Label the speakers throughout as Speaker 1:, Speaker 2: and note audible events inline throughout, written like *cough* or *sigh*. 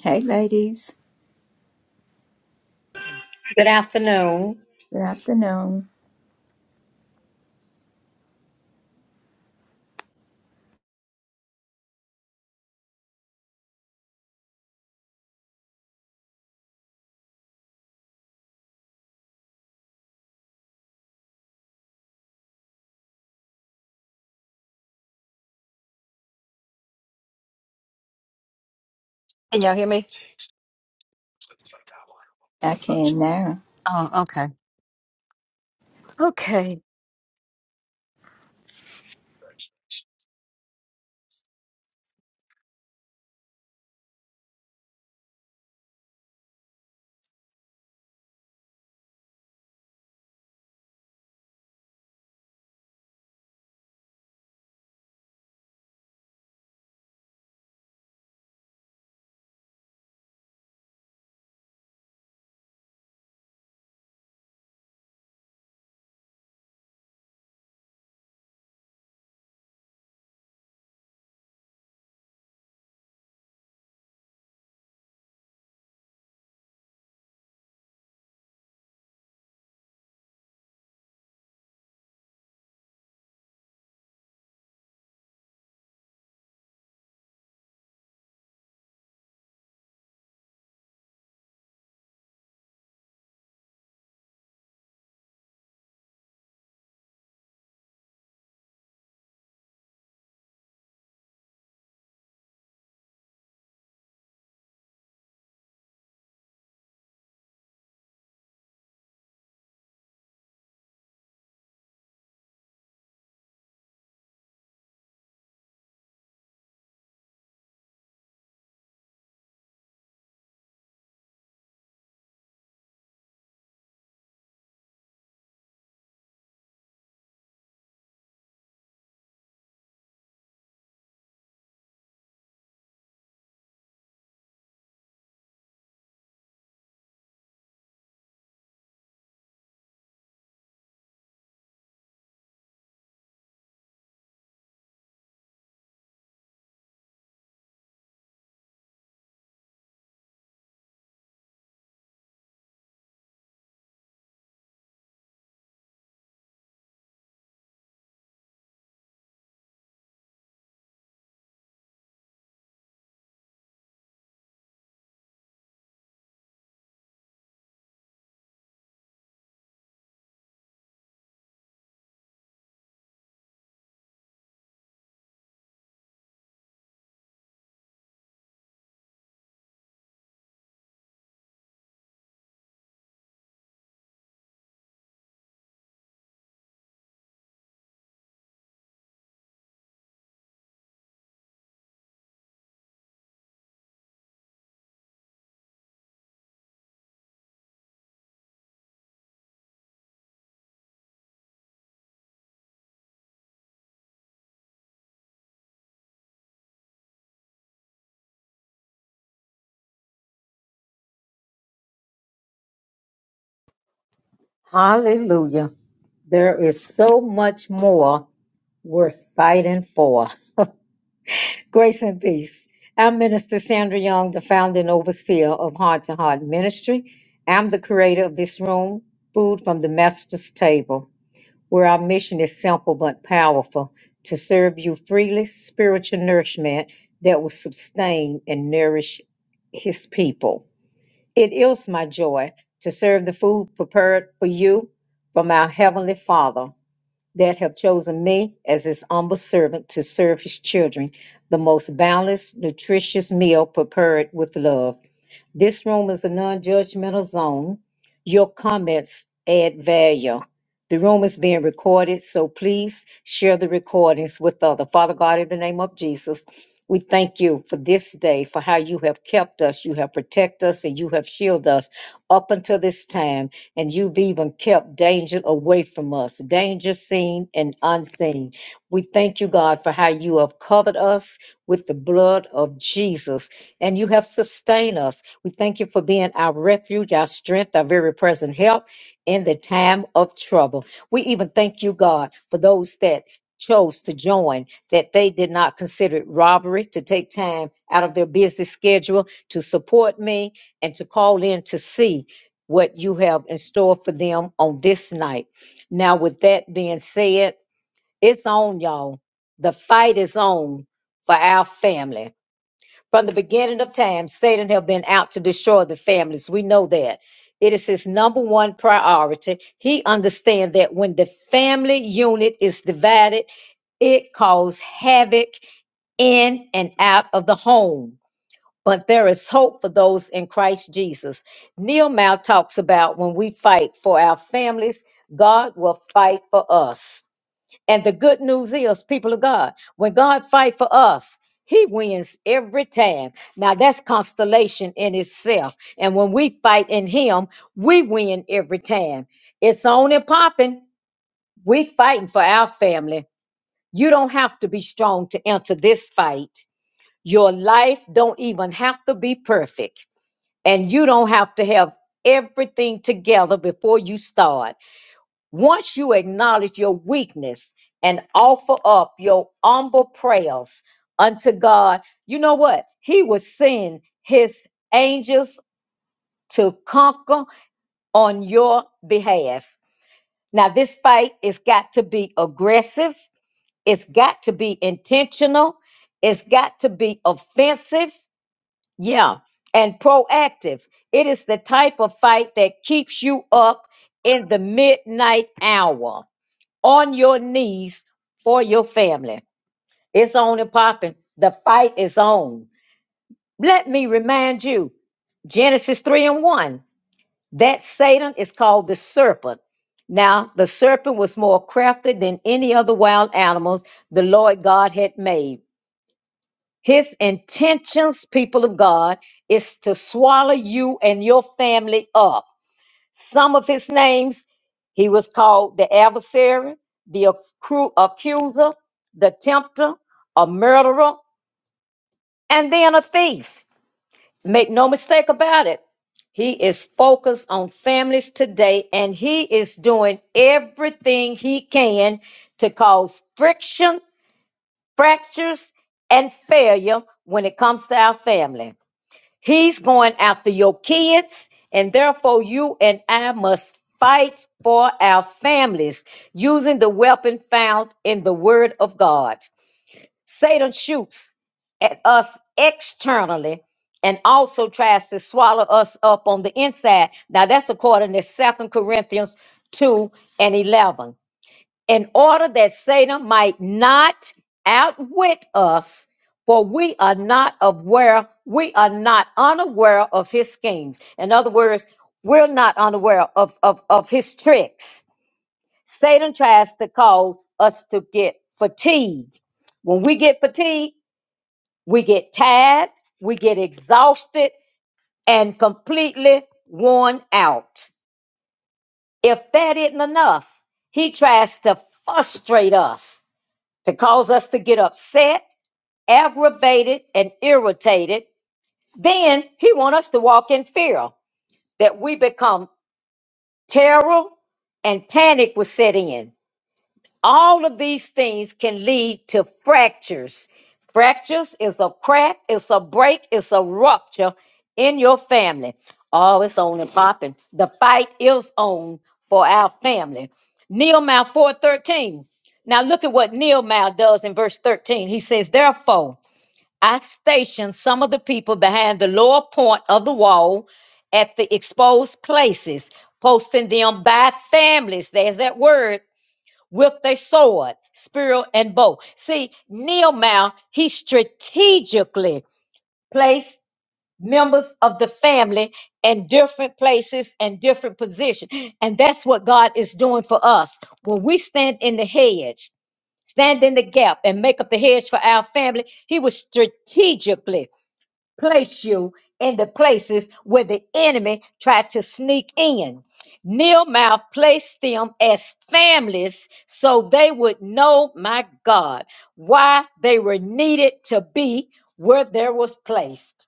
Speaker 1: Hey, ladies.
Speaker 2: Good afternoon.
Speaker 1: Good afternoon.
Speaker 3: Can y'all hear me?
Speaker 1: I can now.
Speaker 3: Oh, okay. Okay,
Speaker 2: Hallelujah. There is so much more worth fighting for. *laughs* Grace and peace. I'm Minister Sandra Young, the founder and overseer of Heart to Heart Ministry. I'm the creator of this room, Food from the Master's Table, where our mission is simple but powerful to serve you freely spiritual nourishment that will sustain and nourish his people. It is my joy to serve the food prepared for you from our Heavenly Father that have chosen me as his humble servant to serve his children, the most balanced, nutritious meal prepared with love. This room is a non-judgmental zone. Your comments add value. The room is being recorded, so please share the recordings with others. Father God, in the name of Jesus, we thank you for this day, for how you have kept us, you have protected us, and you have shielded us up until this time. And you've even kept danger away from us, danger seen and unseen. We thank you, God, for how you have covered us with the blood of Jesus and you have sustained us. We thank you for being our refuge, our strength, our very present help in the time of trouble. We even thank you, God, for those that chose to join, that they did not consider it robbery to take time out of their busy schedule to support me and to call in to see what you have in store for them on this night. Now, with that being said, it's on, y'all. The fight is on for our family. From the beginning of time, Satan have been out to destroy the families. We know that. It is his number one priority. He understands that when the family unit is divided, it causes havoc in and out of the home. But there is hope for those in Christ Jesus. Neil Mao talks about when we fight for our families, God will fight for us. And the good news is, people of God, when God fight for us, he wins every time. Now that's constellation in itself. And when we fight in him, we win every time. It's on and popping. We fighting for our family. You don't have to be strong to enter this fight. Your life don't even have to be perfect. And you don't have to have everything together before you start. Once you acknowledge your weakness and offer up your humble prayers unto God, you know what? He will send his angels to conquer on your behalf. Now, this fight has got to be aggressive, it's got to be intentional, it's got to be offensive, yeah, and proactive. It is the type of fight that keeps you up in the midnight hour on your knees for your family. It's on and popping. The fight is on. Let me remind you Genesis 3 and 1. That Satan is called the serpent. Now, the serpent was more crafty than any other wild animals the Lord God had made. His intentions, people of God, is to swallow you and your family up. Some of his names, he was called the adversary, the accru- accuser, the tempter, a murderer, and then a thief. Make no mistake about it. He is focused on families today and he is doing everything he can to cause friction, fractures, and failure when it comes to our family. He's going after your kids, and therefore you and I must fight for our families using the weapon found in the Word of God. Satan shoots at us externally and also tries to swallow us up on the inside. Now, that's according to Second Corinthians 2 and 11 in order that Satan might not outwit us, for we are not aware, we are not unaware of his schemes. In other words, we're not unaware of, of, of his tricks. Satan tries to cause us to get fatigued. When we get fatigued, we get tired, we get exhausted, and completely worn out. If that isn't enough, he tries to frustrate us to cause us to get upset, aggravated, and irritated. Then he wants us to walk in fear that we become terror and panic will set in all of these things can lead to fractures. Fractures is a crack, it's a break, it's a rupture in your family. Oh, it's on and popping. The fight is on for our family. Nehemiah 4:13. Now look at what Nehemiah does in verse 13. He says, Therefore, I stationed some of the people behind the lower point of the wall at the exposed places, posting them by families. There's that word with their sword, spear, and bow. See, Nehemiah, he strategically placed members of the family in different places and different positions. And that's what God is doing for us. When we stand in the hedge, stand in the gap, and make up the hedge for our family, he was strategically place you in the places where the enemy tried to sneak in. Nehemiah placed them as families so they would know, my God, why they were needed to be where there was placed.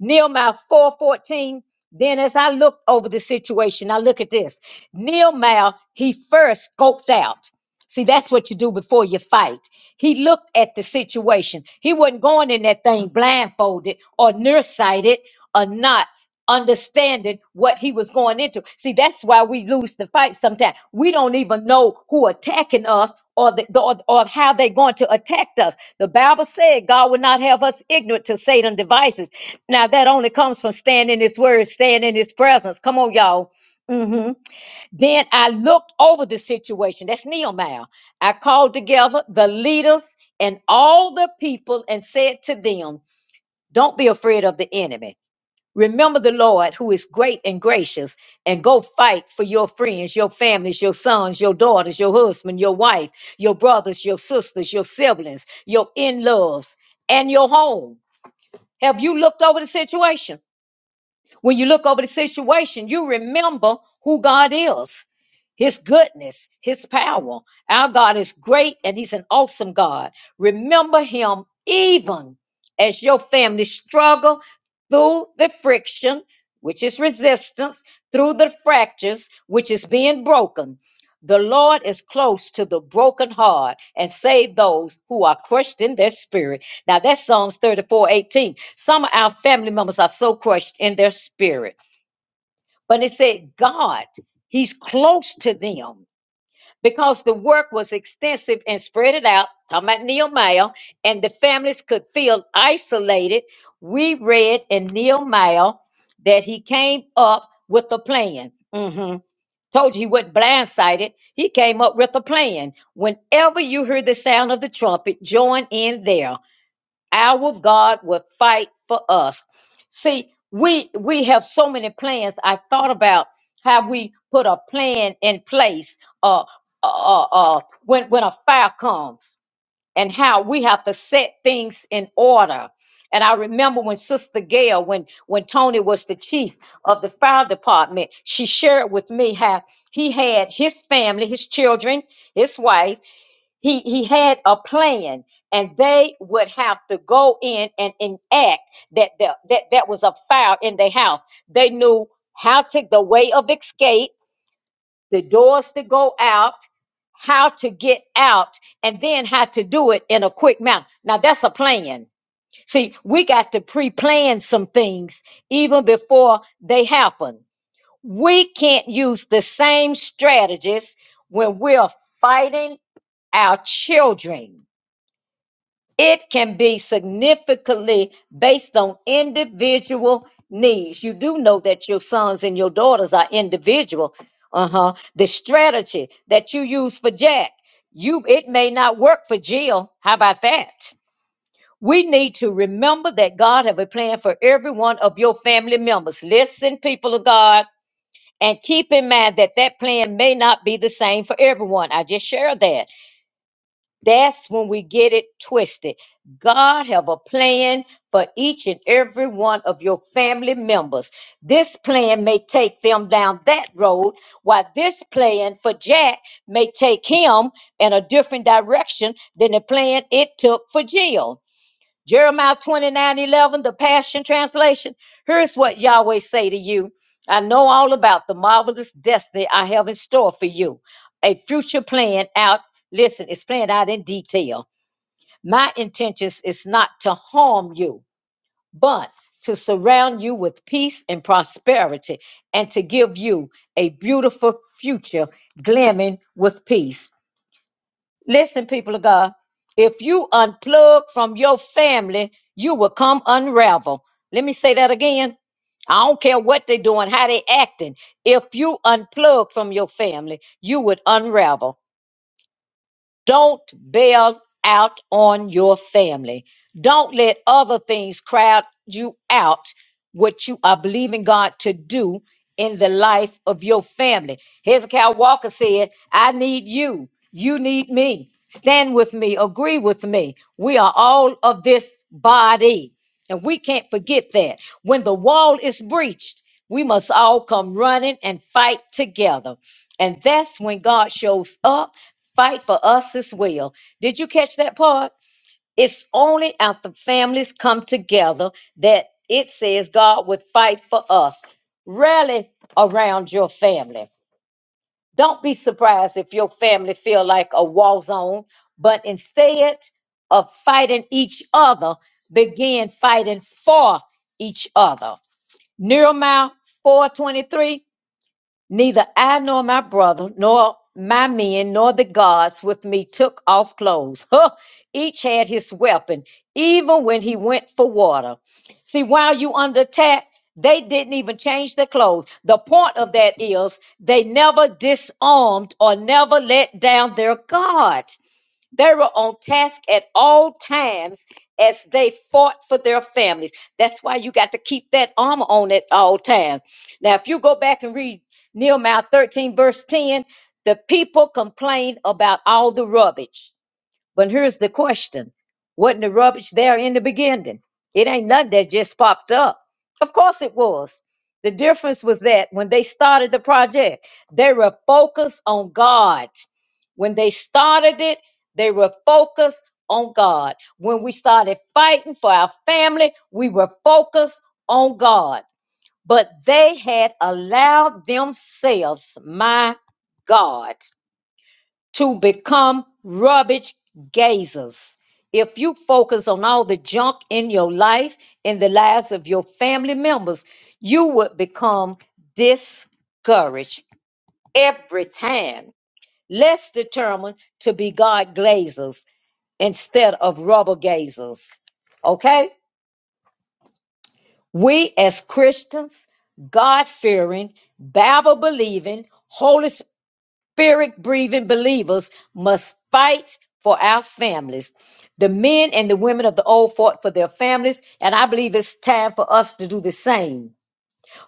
Speaker 2: Nehemiah 4:14. Then as I looked over the situation, I look at this. Nehemiah, he first scoped out. See, that's what you do before you fight. He looked at the situation. He wasn't going in that thing blindfolded or nearsighted or not understanding what he was going into. See, that's why we lose the fight sometimes. We don't even know who attacking us or the, the- or, or how they're going to attack us. The Bible said God will not have us ignorant to Satan's devices. Now that only comes from staying in his word, staying in his presence. Come on, y'all. hmm Then I looked over the situation. That's Nehemiah. I called together the leaders and all the people and said to them, Don't be afraid of the enemy. Remember the Lord who is great and gracious, and go fight for your friends, your families, your sons, your daughters, your husband, your wife, your brothers, your sisters, your siblings, your in loves, and your home. Have you looked over the situation? When you look over the situation, you remember who God is, His goodness, His power. Our God is great and He's an awesome God. Remember Him even as your family struggle through the friction, which is resistance, through the fractures, which is being broken. The Lord is close to the broken heart and save those who are crushed in their spirit. Now that's Psalms 34 18, Some of our family members are so crushed in their spirit. But it said God, He's close to them because the work was extensive and spread it out. Talking about Nehemiah, and the families could feel isolated. We read in Nehemiah that he came up with a plan. Mhm. Told you he wasn't blindsided. He came up with a plan. Whenever you hear the sound of the trumpet, join in there our God will fight for us. See, we we have so many plans. I thought about how we put a plan in place uh uh uh uh, when when a fire comes and how we have to set things in order. And I remember when Sister Gail, when when Tony was the chief of the fire department, she shared with me how he had his family, his children, his wife he he had a plan and they would have to go in and enact that the, that that was a fire in their house they knew how to the way of escape the doors to go out how to get out and then how to do it in a quick manner now that's a plan see we got to pre-plan some things even before they happen we can't use the same strategies when we're fighting our children it can be significantly based on individual needs. You do know that your sons and your daughters are individual. Uh-huh. The strategy that you use for Jack, you it may not work for Jill. How about that? We need to remember that God have a plan for every one of your family members. Listen, people of God, and keep in mind that that plan may not be the same for everyone. I just shared that. That's when we get it twisted. God have a plan for each and every one of your family members. This plan may take them down that road, while this plan for Jack may take him in a different direction than the plan it took for Jill. Jeremiah 29 11 the Passion Translation. Here's what Yahweh say to you. I know all about the marvelous destiny I have in store for you. A future plan out, listen, it's planned out in detail. My intentions is not to harm you, but to surround you with peace and prosperity and to give you a beautiful future glamming with peace. Listen, people of God, if you unplug from your family, you will come unravel. Let me say that again. I don't care what they're doing, how they acting. If you unplug from your family, you would unravel. Don't bail out on your family. Don't let other things crowd you out what you are believing God to do in the life of your family. Hezekiah Walker said, I need you. You need me. Stand with me. Agree with me. We are all of this body. And we can't forget that. When the wall is breached, we must all come running and fight together. And that's when God shows up, fight for us as well. Did you catch that part? It's only after families come together that it says God would fight for us. Rally around your family. Don't be surprised if your family feel like a war zone, but instead of fighting each other, begin fighting for each other. Nehemiah 4:23 Neither I nor my brother, nor my men, nor the guards with me took off clothes. *laughs* Huh! Each had his weapon, even when he went for water. See, while you under attack, they didn't even change their clothes. The point of that is they never disarmed or never let down their guard. They were on task at all times as they fought for their families. That's why you got to keep that armor on at all times. Now, if you go back and read Nehemiah 13, verse 10, the people complained about all the rubbish. But here's the question Wasn't the rubbish there in the beginning? It ain't nothing that just popped up. Of course it was. The difference was that when they started the project, they were focused on God. When they started it, they were focused on God. When we started fighting for our family, we were focused on God. But they had allowed themselves, my God to become rubbish gazers. If you focus on all the junk in your life, in the lives of your family members, you would become discouraged every time. Let's determine to be God glazers instead of rubber gazers. Okay? We as Christians, God fearing, Bible believing, Holy Spirit. spirit breathing believers must fight for our families. The men and the women of the old fought for their families, and I believe it's time for us to do the same.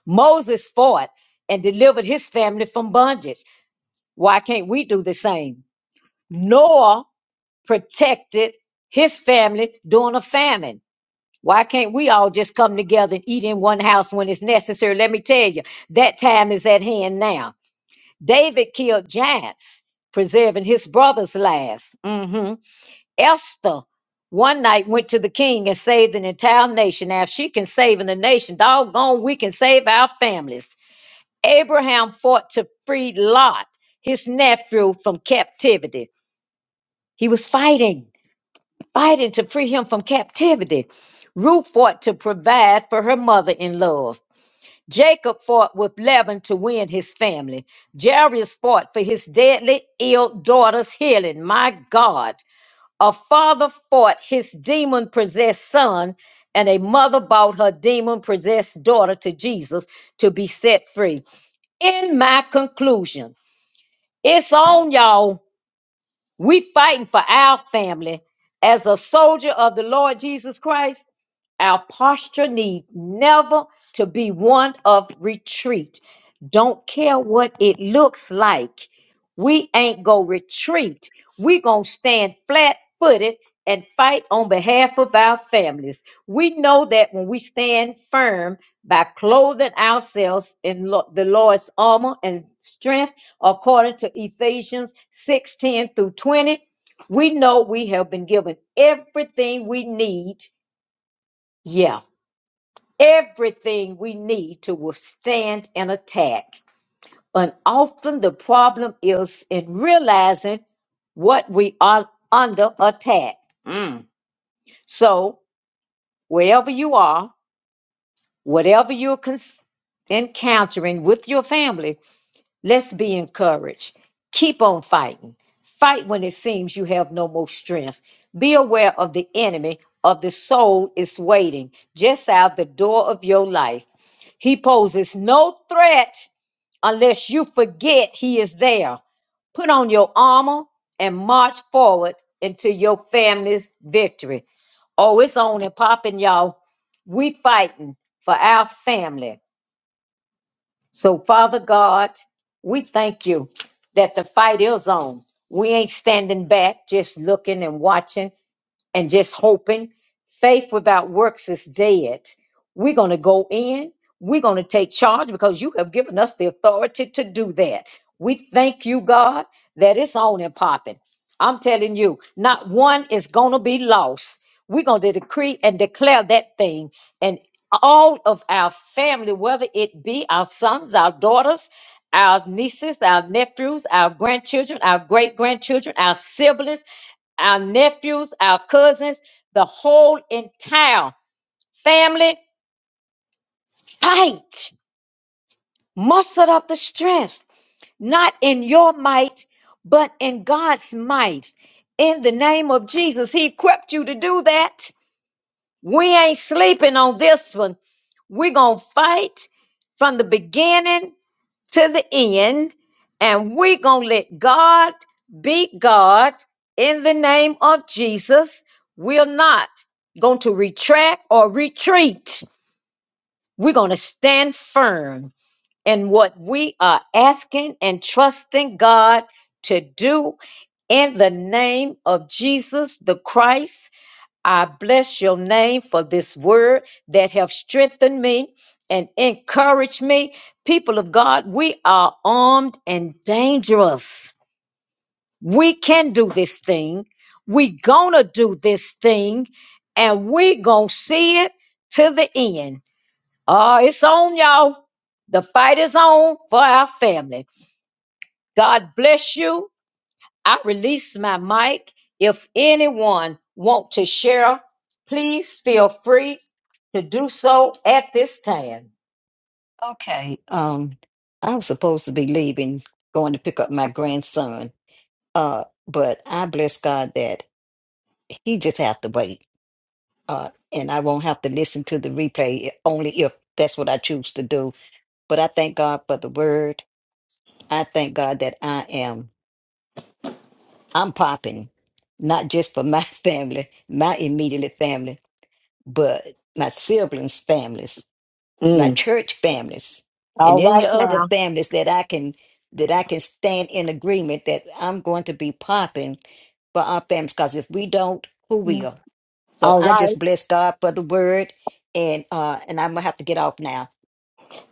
Speaker 2: Moses fought and delivered his family from bondage. Why can't we do the same? Noah protected his family during a famine. Why can't we all just come together and eat in one house when it's necessary? Let me tell you, that time is at hand now. David killed giants, preserving his brother's lives. hmm Esther one night went to the king and saved an entire nation. Now, if she can save in the nation, doggone, we can save our families. Abraham fought to free Lot, his nephew, from captivity. He was fighting, fighting to free him from captivity. Ruth fought to provide for her mother in law Jacob fought with Laban to win his family. Jairus fought for his deadly ill daughter's healing. My God. A father fought his demon possessed son, and a mother brought her demon possessed daughter to Jesus to be set free. In my conclusion, it's on y'all. We fighting for our family as a soldier of the Lord Jesus Christ. Our posture needs never to be one of retreat. Don't care what it looks like. We ain't gonna retreat. We gonna stand flat footed and fight on behalf of our families. We know that when we stand firm by clothing ourselves in lo- the Lord's armor and strength according to Ephesians 6:10 through 20. We know we have been given everything we need. Yeah, everything we need to withstand an attack. And often the problem is in realizing what we are under attack. Mm. So, wherever you are, whatever you're cons- encountering with your family, Let's be encouraged. Keep on fighting. Fight when it seems you have no more strength. Be aware of the enemy of the soul is waiting just out the door of your life. He poses no threat unless you forget he is there. Put on your armor and march forward into your family's victory. Oh, it's on and popping, y'all. We fighting for our family so, Father God, we thank you that the fight is on. We ain't standing back, just looking and watching and just hoping. Faith without works is dead. We're going to go in. We're going to take charge because you have given us the authority to do that. We thank you, God, that it's on and popping. I'm telling you, not one is going to be lost. We're going to decree and declare that thing. And all of our family, whether it be our sons, our daughters, our nieces, our nephews, our grandchildren, our great grandchildren, our siblings, our nephews, our cousins, the whole entire family fight. Muster up the strength, not in your might, but in God's might. In the name of Jesus, He equipped you to do that. We ain't sleeping on this one. We're going to fight from the beginning to the end, and we're going to let God be God in the name of Jesus. We're not going to retract or retreat. We're going to stand firm in what we are asking and trusting God to do in the name of Jesus the Christ I bless your name for this word that have strengthened me and encouraged me. People of God, we are armed and dangerous. We can do this thing. We gonna do this thing and we gonna see it to the end. Uh, it's on y'all. The fight is on for our family. God bless you. I release my mic. If anyone want to share, please feel free to do so at this time.
Speaker 3: okay. Um, I'm supposed to be leaving, going to pick up my grandson. Uh, but I bless God that he just have to wait. Uh, and I won't have to listen to the replay only if that's what I choose to do. But I thank God for the word. I thank God that I am I'm popping, not just for my *laughs* family, my immediate family, but my siblings' families. my
Speaker 2: Mm,
Speaker 3: church families and
Speaker 2: All
Speaker 3: any
Speaker 2: right
Speaker 3: other
Speaker 2: now.
Speaker 3: families that I can that I can stand in agreement that I'm going to be popping for our families because if we don't, who
Speaker 4: Mm.
Speaker 3: will? So
Speaker 2: All
Speaker 3: I
Speaker 2: right.
Speaker 3: just bless God for the word and uh and I'm gonna have to get off now.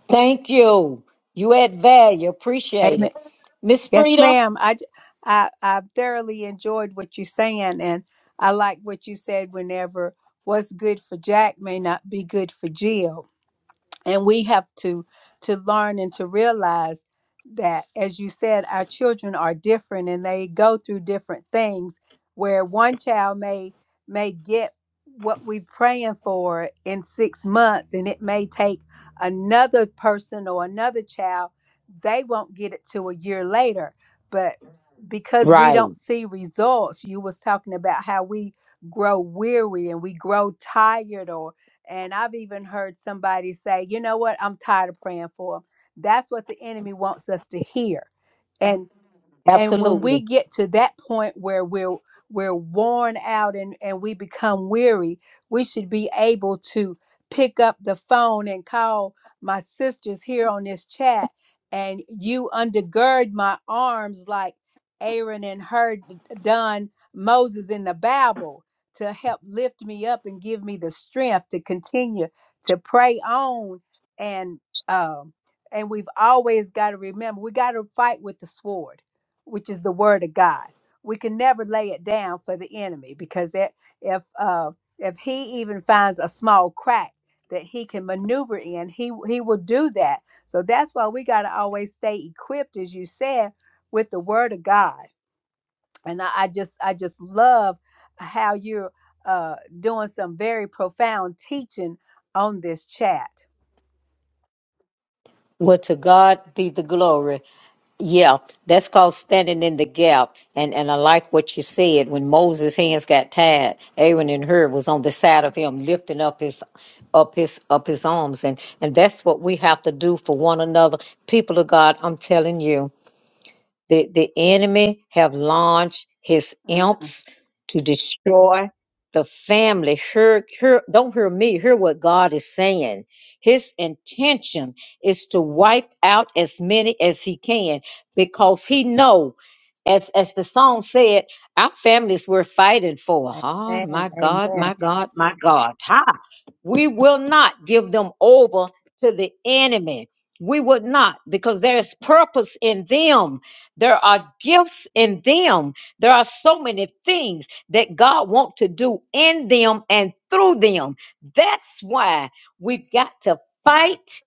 Speaker 2: Thank you. You add value. Appreciate
Speaker 4: Amen.
Speaker 2: it. Miss
Speaker 4: Yes,
Speaker 2: Frida?
Speaker 4: ma'am. I, j- I, I thoroughly enjoyed what you're saying, and I like what you said whenever what's good for Jack may not be good for Jill. and we have to to learn and to realize that as you said our children are different and they go through different things where one child may may get what we're praying for in six months and it may take another person or another child they won't get it till a year later but because we
Speaker 2: Right.
Speaker 4: don't see results you was talking about how we grow weary and we grow tired or. And I've even heard somebody say, you know what, I'm tired of praying for them. That's what the enemy wants us to hear. and and when
Speaker 2: Absolutely.
Speaker 4: we get to that point where we're we're worn out and and we become weary we should be able to pick up the phone and call my sisters here on this chat and you undergird my arms like aaron and her d- done moses in the bible to help lift me up and give me the strength to continue to pray on and um and we've always got to remember we got to fight with the sword which is the word of God. We can never lay it down for the enemy because it, if uh, if he even finds a small crack that he can maneuver in, he he will do that. So that's why we got to always stay equipped, as you said, with the word of God and I, I just I just love how you're uh, doing some very profound teaching on this chat.
Speaker 2: Well, to God be the glory. Yeah, that's called standing in the gap. And and I like what you said. When Moses' hands got tied, Aaron and Hur was on the side of him, lifting up his up his up his arms. And and that's what we have to do for one another. People of God, I'm telling you. The, the enemy have launched his
Speaker 4: Mm,
Speaker 2: imps to destroy the family. Hear, hear, don't hear me, hear what God is saying. His intention is to wipe out as many as he can because he know, as, as the song said, our families we're fighting for. Oh
Speaker 4: amen.
Speaker 2: my God,
Speaker 4: Amen.
Speaker 2: my God, my God. Ha! We will not give them over to the enemy. We would not, because there is purpose in them there are gifts in them. There are so many things that God wants to do in them and through them. That's why we've got to fight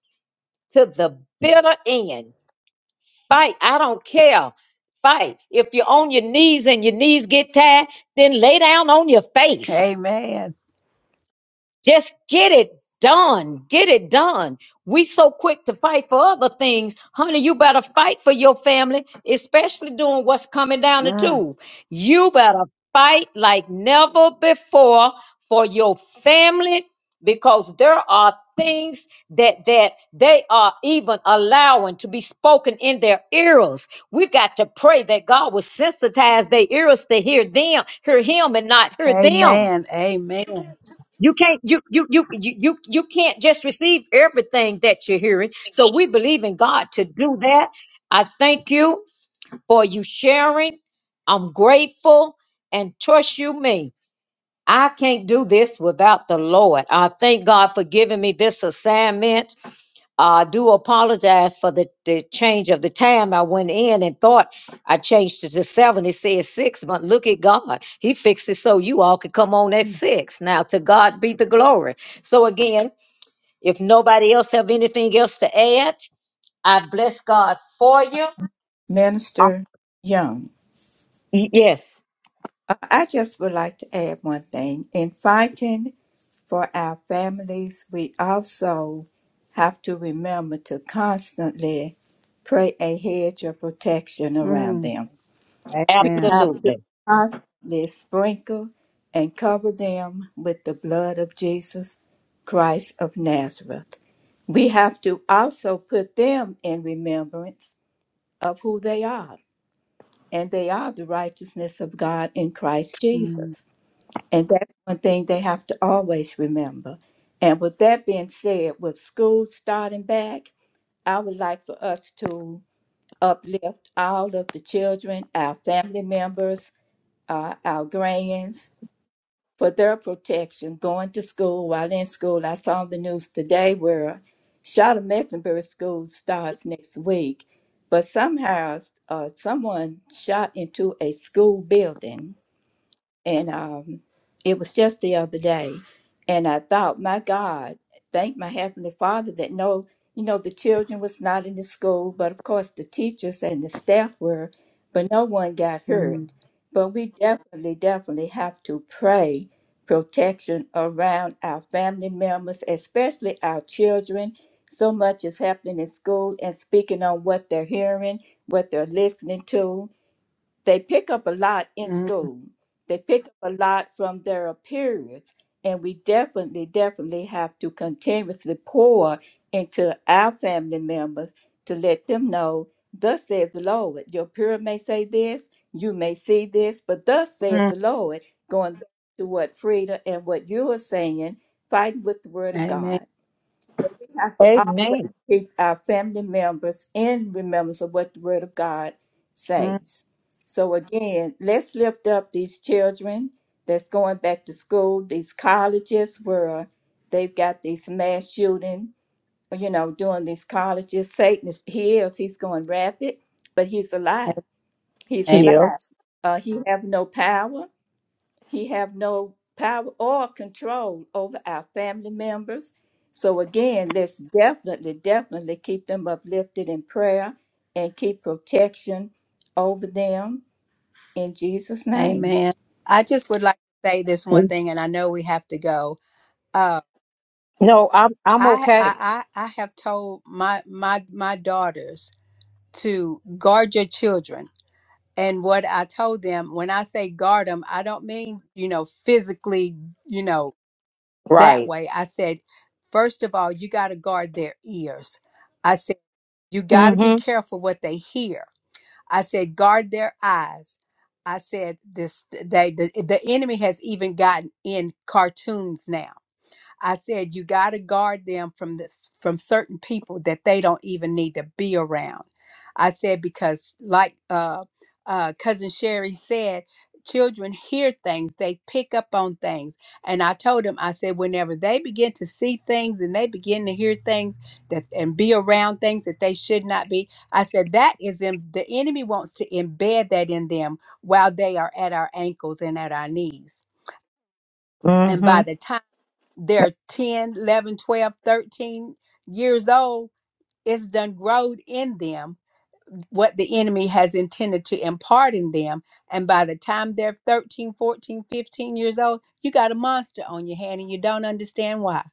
Speaker 2: to the bitter end. Fight. I don't care. Fight. If you're on your knees and your knees get tired, then lay down on your face
Speaker 4: Amen.
Speaker 2: just get it done. Get it done. We so quick to fight for other things. Honey, you better fight for your family, especially doing what's coming down the
Speaker 4: Mm,
Speaker 2: tube. You better fight like never before for your family because there are things that that they are even allowing to be spoken in their ears. We've got to pray that God will sensitize their ears to hear them, hear him and not hear them
Speaker 4: amen. Amen.
Speaker 2: you can't you you you you you you can't just receive everything that you're hearing. So we believe in God to do that. I thank you for you sharing. I'm grateful and trust you me. I can't do this without the Lord. I thank God for giving me this assignment. I do apologize for the, the change of the time. I went in and thought I changed it to seven. It says six, but look at God. He fixed it so you all could come on at
Speaker 4: Mm,
Speaker 2: six. Now to God be the glory. So again, if nobody else have anything else to add, I bless God for you. Um,
Speaker 1: Minister Young,
Speaker 2: y- Yes,
Speaker 1: uh, I just would like to add one thing. In fighting for our families, we also have to remember to constantly pray a hedge of protection around
Speaker 4: mm,
Speaker 1: them. We
Speaker 4: amen.
Speaker 1: have to
Speaker 2: absolutely.
Speaker 1: constantly sprinkle and cover them with the blood of Jesus Christ of Nazareth. We have to also put them in remembrance of who they are, and they are the righteousness of God in Christ
Speaker 4: Mm,
Speaker 1: Jesus. And that's one thing they have to always remember. And with that being said, with school starting back, I would like for us to uplift all of the children, our family members, uh, our grands, for their protection going to school while in school. I saw the news today where Charlotte Mecklenburg School starts next week, but somehow uh, someone shot into a school building and um, it was just the other day, and I thought, my God, thank my heavenly Father that no, you know, the children was not in the school, but of course the teachers and the staff were, but no one got
Speaker 4: mm.
Speaker 1: hurt. But we definitely, definitely have to pray protection around our family members, especially our children. So much is happening in school and speaking on what they're hearing, what they're listening to they pick up a lot in
Speaker 4: Mm,
Speaker 1: school. They pick up a lot from their periods. And we definitely, definitely have to continuously pour into our family members to let them know, thus saith the Lord. Your period may say this, you may see this, but thus saith
Speaker 4: mm.
Speaker 1: the Lord, going back to what Frida and what you are saying, fighting with the word of
Speaker 4: Amen.
Speaker 1: God. So we have to always
Speaker 2: Amen.
Speaker 1: keep our family members in remembrance of what the Word of God
Speaker 4: Mm,
Speaker 1: says. So again, let's lift up these children that's going back to school, these colleges where they've got these mass shooting, you know, doing these colleges. Satan is he is he's going rapid, but he's alive. He's
Speaker 4: Amen.
Speaker 1: alive.
Speaker 2: Heals.
Speaker 1: Uh, he have no power. He have no power or control over our family members. So again, let's definitely, definitely keep them uplifted in prayer and keep protection over them in Jesus' name.
Speaker 4: Amen. I just would like to say this one thing, and I know we have to go. Uh,
Speaker 2: No, I'm I'm
Speaker 4: I,
Speaker 2: okay.
Speaker 4: I, I, I have told my, my, my daughters to guard your children. And what I told them when I say guard them, I don't mean, you know, physically, you know, that
Speaker 2: Right.
Speaker 4: way. I said, first of all, you got to guard their ears. I said, you got to be
Speaker 2: Mm-hmm.
Speaker 4: careful what they hear. I said, guard their eyes. I said, this they the, the enemy has even gotten in cartoons now. I said you got to guard them from this from certain people that they don't even need to be around. I said because like uh, uh, cousin Sherry said, children hear things, they pick up on things, and I told them I said whenever they begin to see things and they begin to hear things that and be around things that they should not be, I said that is in the enemy wants to embed that in them while they are at our ankles and at our knees. And
Speaker 2: Mm-hmm.
Speaker 4: by the time they're ten, eleven, twelve, thirteen years old, it's done growed in them what the enemy has intended to impart in them. And by the time they're thirteen, fourteen, fifteen years old, you got a monster on your hand and you don't understand why.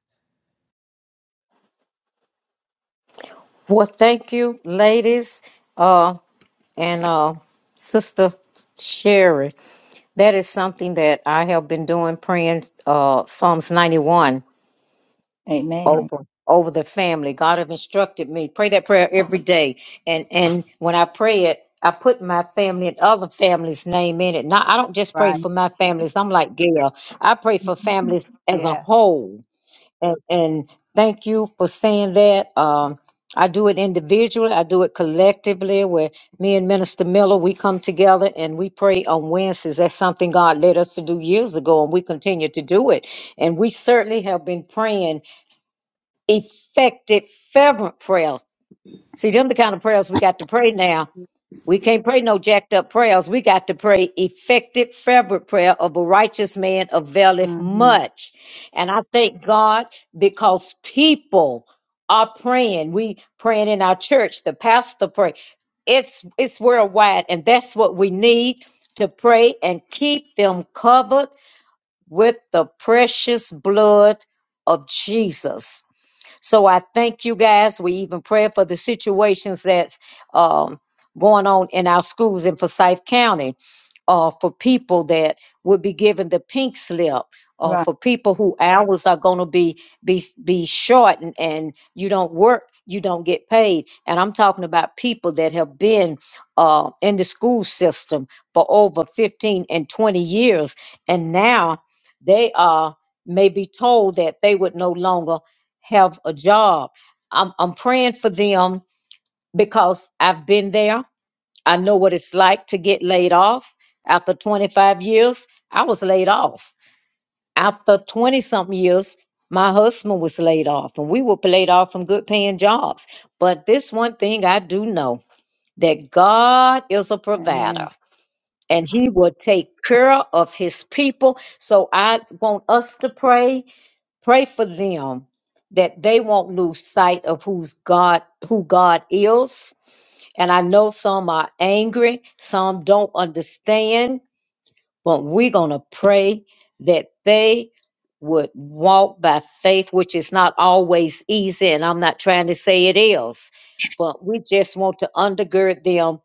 Speaker 2: Well, thank you, ladies. Uh. And uh, Sister Sherry, that is something that I have been doing, praying uh, Psalms 91
Speaker 1: Amen.
Speaker 2: over over the family. God have instructed me pray that prayer every day, and and when I pray it, I put my family and other families' name in it. Now I don't just pray
Speaker 4: Right.
Speaker 2: for my families. I'm like Gail. I pray for families as a
Speaker 4: Yes.
Speaker 2: whole and, and thank you for saying that. Um, I do it individually. I do it collectively where me and Minister Miller, we come together and we pray on Wednesdays. That's something God led us to do years ago and we continue to do it. And we certainly have been praying effective, fervent prayers. See, them the kind of prayers we got to pray now we can't pray no jacked up prayers. We got to pray effective, fervent prayer of a righteous man availeth
Speaker 4: hmm
Speaker 2: much. And I thank God because people are praying. We praying in our church. The pastor pray. It's it's worldwide, and that's what we need to pray and keep them covered with the precious blood of Jesus. So I thank you guys. We even pray for the situations that's um, going on in our schools in Forsyth County uh, for people that would be given the pink slip, uh,
Speaker 1: Right.
Speaker 2: for people who hours are going to be be be shortened and you don't work, you don't get paid. And I'm talking about people that have been uh, in the school system for over 15 and 20 years, and now they are may be told that they would no longer have a job. I'm, I'm praying for them because I've been there. I know what it's like to get laid off. After 25 years, I was laid off. After 20 something years, my husband was laid off, and we were laid off from good paying jobs. But this one thing I do know that God is a provider
Speaker 4: Amen.
Speaker 2: and he will take care of his people. So I want us to pray, pray for them that they won't lose sight of who's God, who God is and I know some are angry, some don't understand, but we're going to pray that they would walk by faith, which is not always easy. And I'm not trying to say it is, but we just want to undergird them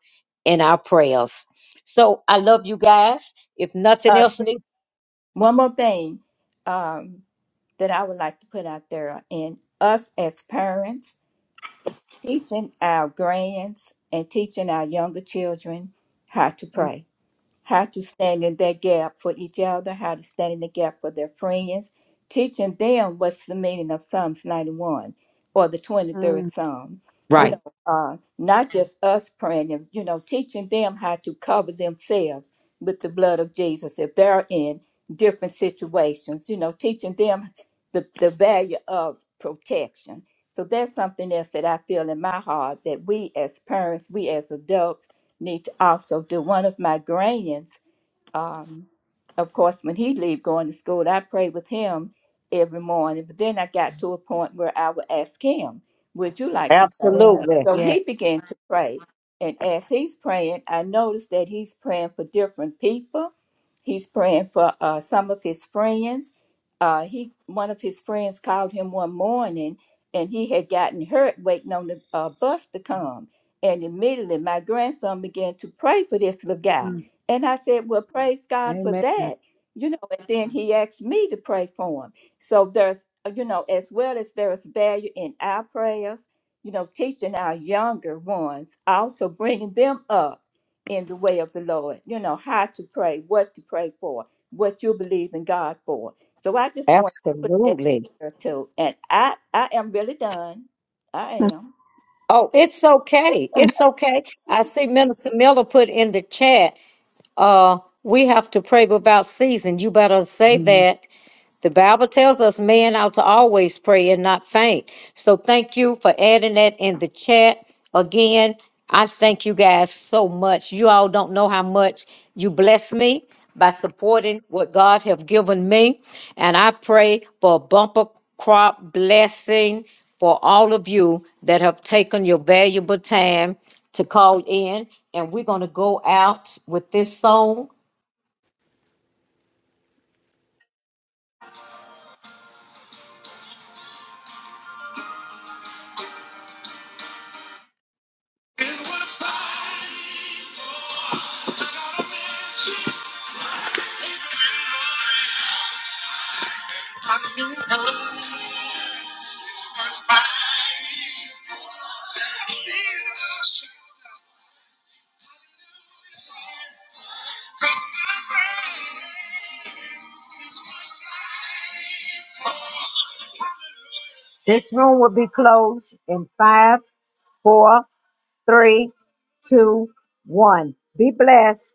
Speaker 2: in our prayers. So I love you guys. If nothing
Speaker 1: Uh,
Speaker 2: else, need-
Speaker 1: one more thing um, that I would like to put out there in us as parents, teaching our grands and teaching our younger children how to pray how to stand in that gap for each other, how to stand in the gap for their friends, teaching them what's the meaning of Psalms 91 or the 23rd
Speaker 4: Mhm.
Speaker 1: Psalm. You
Speaker 2: right.
Speaker 4: Yes.
Speaker 1: know, uh, not just us praying, and, you know, teaching them how to cover themselves with the blood of Jesus if they're in different situations, you know, teaching them the, the value of protection. So that's something else that I feel in my heart that we as parents, we as adults, need to also do. One of my granians um, of course, when he would leave going to school, I prayed with him every morning. But then I got to a point where I would ask him, "Would you like to pray?"
Speaker 4: Yes.
Speaker 2: Absolutely.
Speaker 1: So
Speaker 4: Yes.
Speaker 1: he began to pray, and as he's praying, I noticed that he's praying for different people. He's praying for uh, some of his friends. Uh, he one of his friends called him one morning, and he had gotten hurt waiting on the uh, bus to come. And immediately, my grandson began to pray for this little guy
Speaker 4: Mm.
Speaker 1: and I said, Well, praise God for
Speaker 4: Amen.
Speaker 1: that. You know, and then he asked me to pray for him. So there's, uh, you know, as well as there is value in our prayers, you know, teaching our younger ones, also bringing them up in the way of the Lord, you know, how to pray, what to pray for, what you believe in God for. So I just want to put that
Speaker 2: Absolutely.
Speaker 1: there too. And I, I am really done. I am.
Speaker 2: Oh, it's okay. It's okay. I see Minister Miller put in the chat Uh, we have to pray without ceasing. You better say
Speaker 4: *laughs*
Speaker 2: that the Bible tells us man ought to always pray and not faint. So thank you for adding that in the chat. Again, I thank you guys so much. You all don't know how much you bless me by supporting what God have given me. And I pray for a bumper crop blessing for all of you that have taken your valuable time to call in. And we're going to go out with this song. This room will be closed in five, four, three, two, one. Be blessed.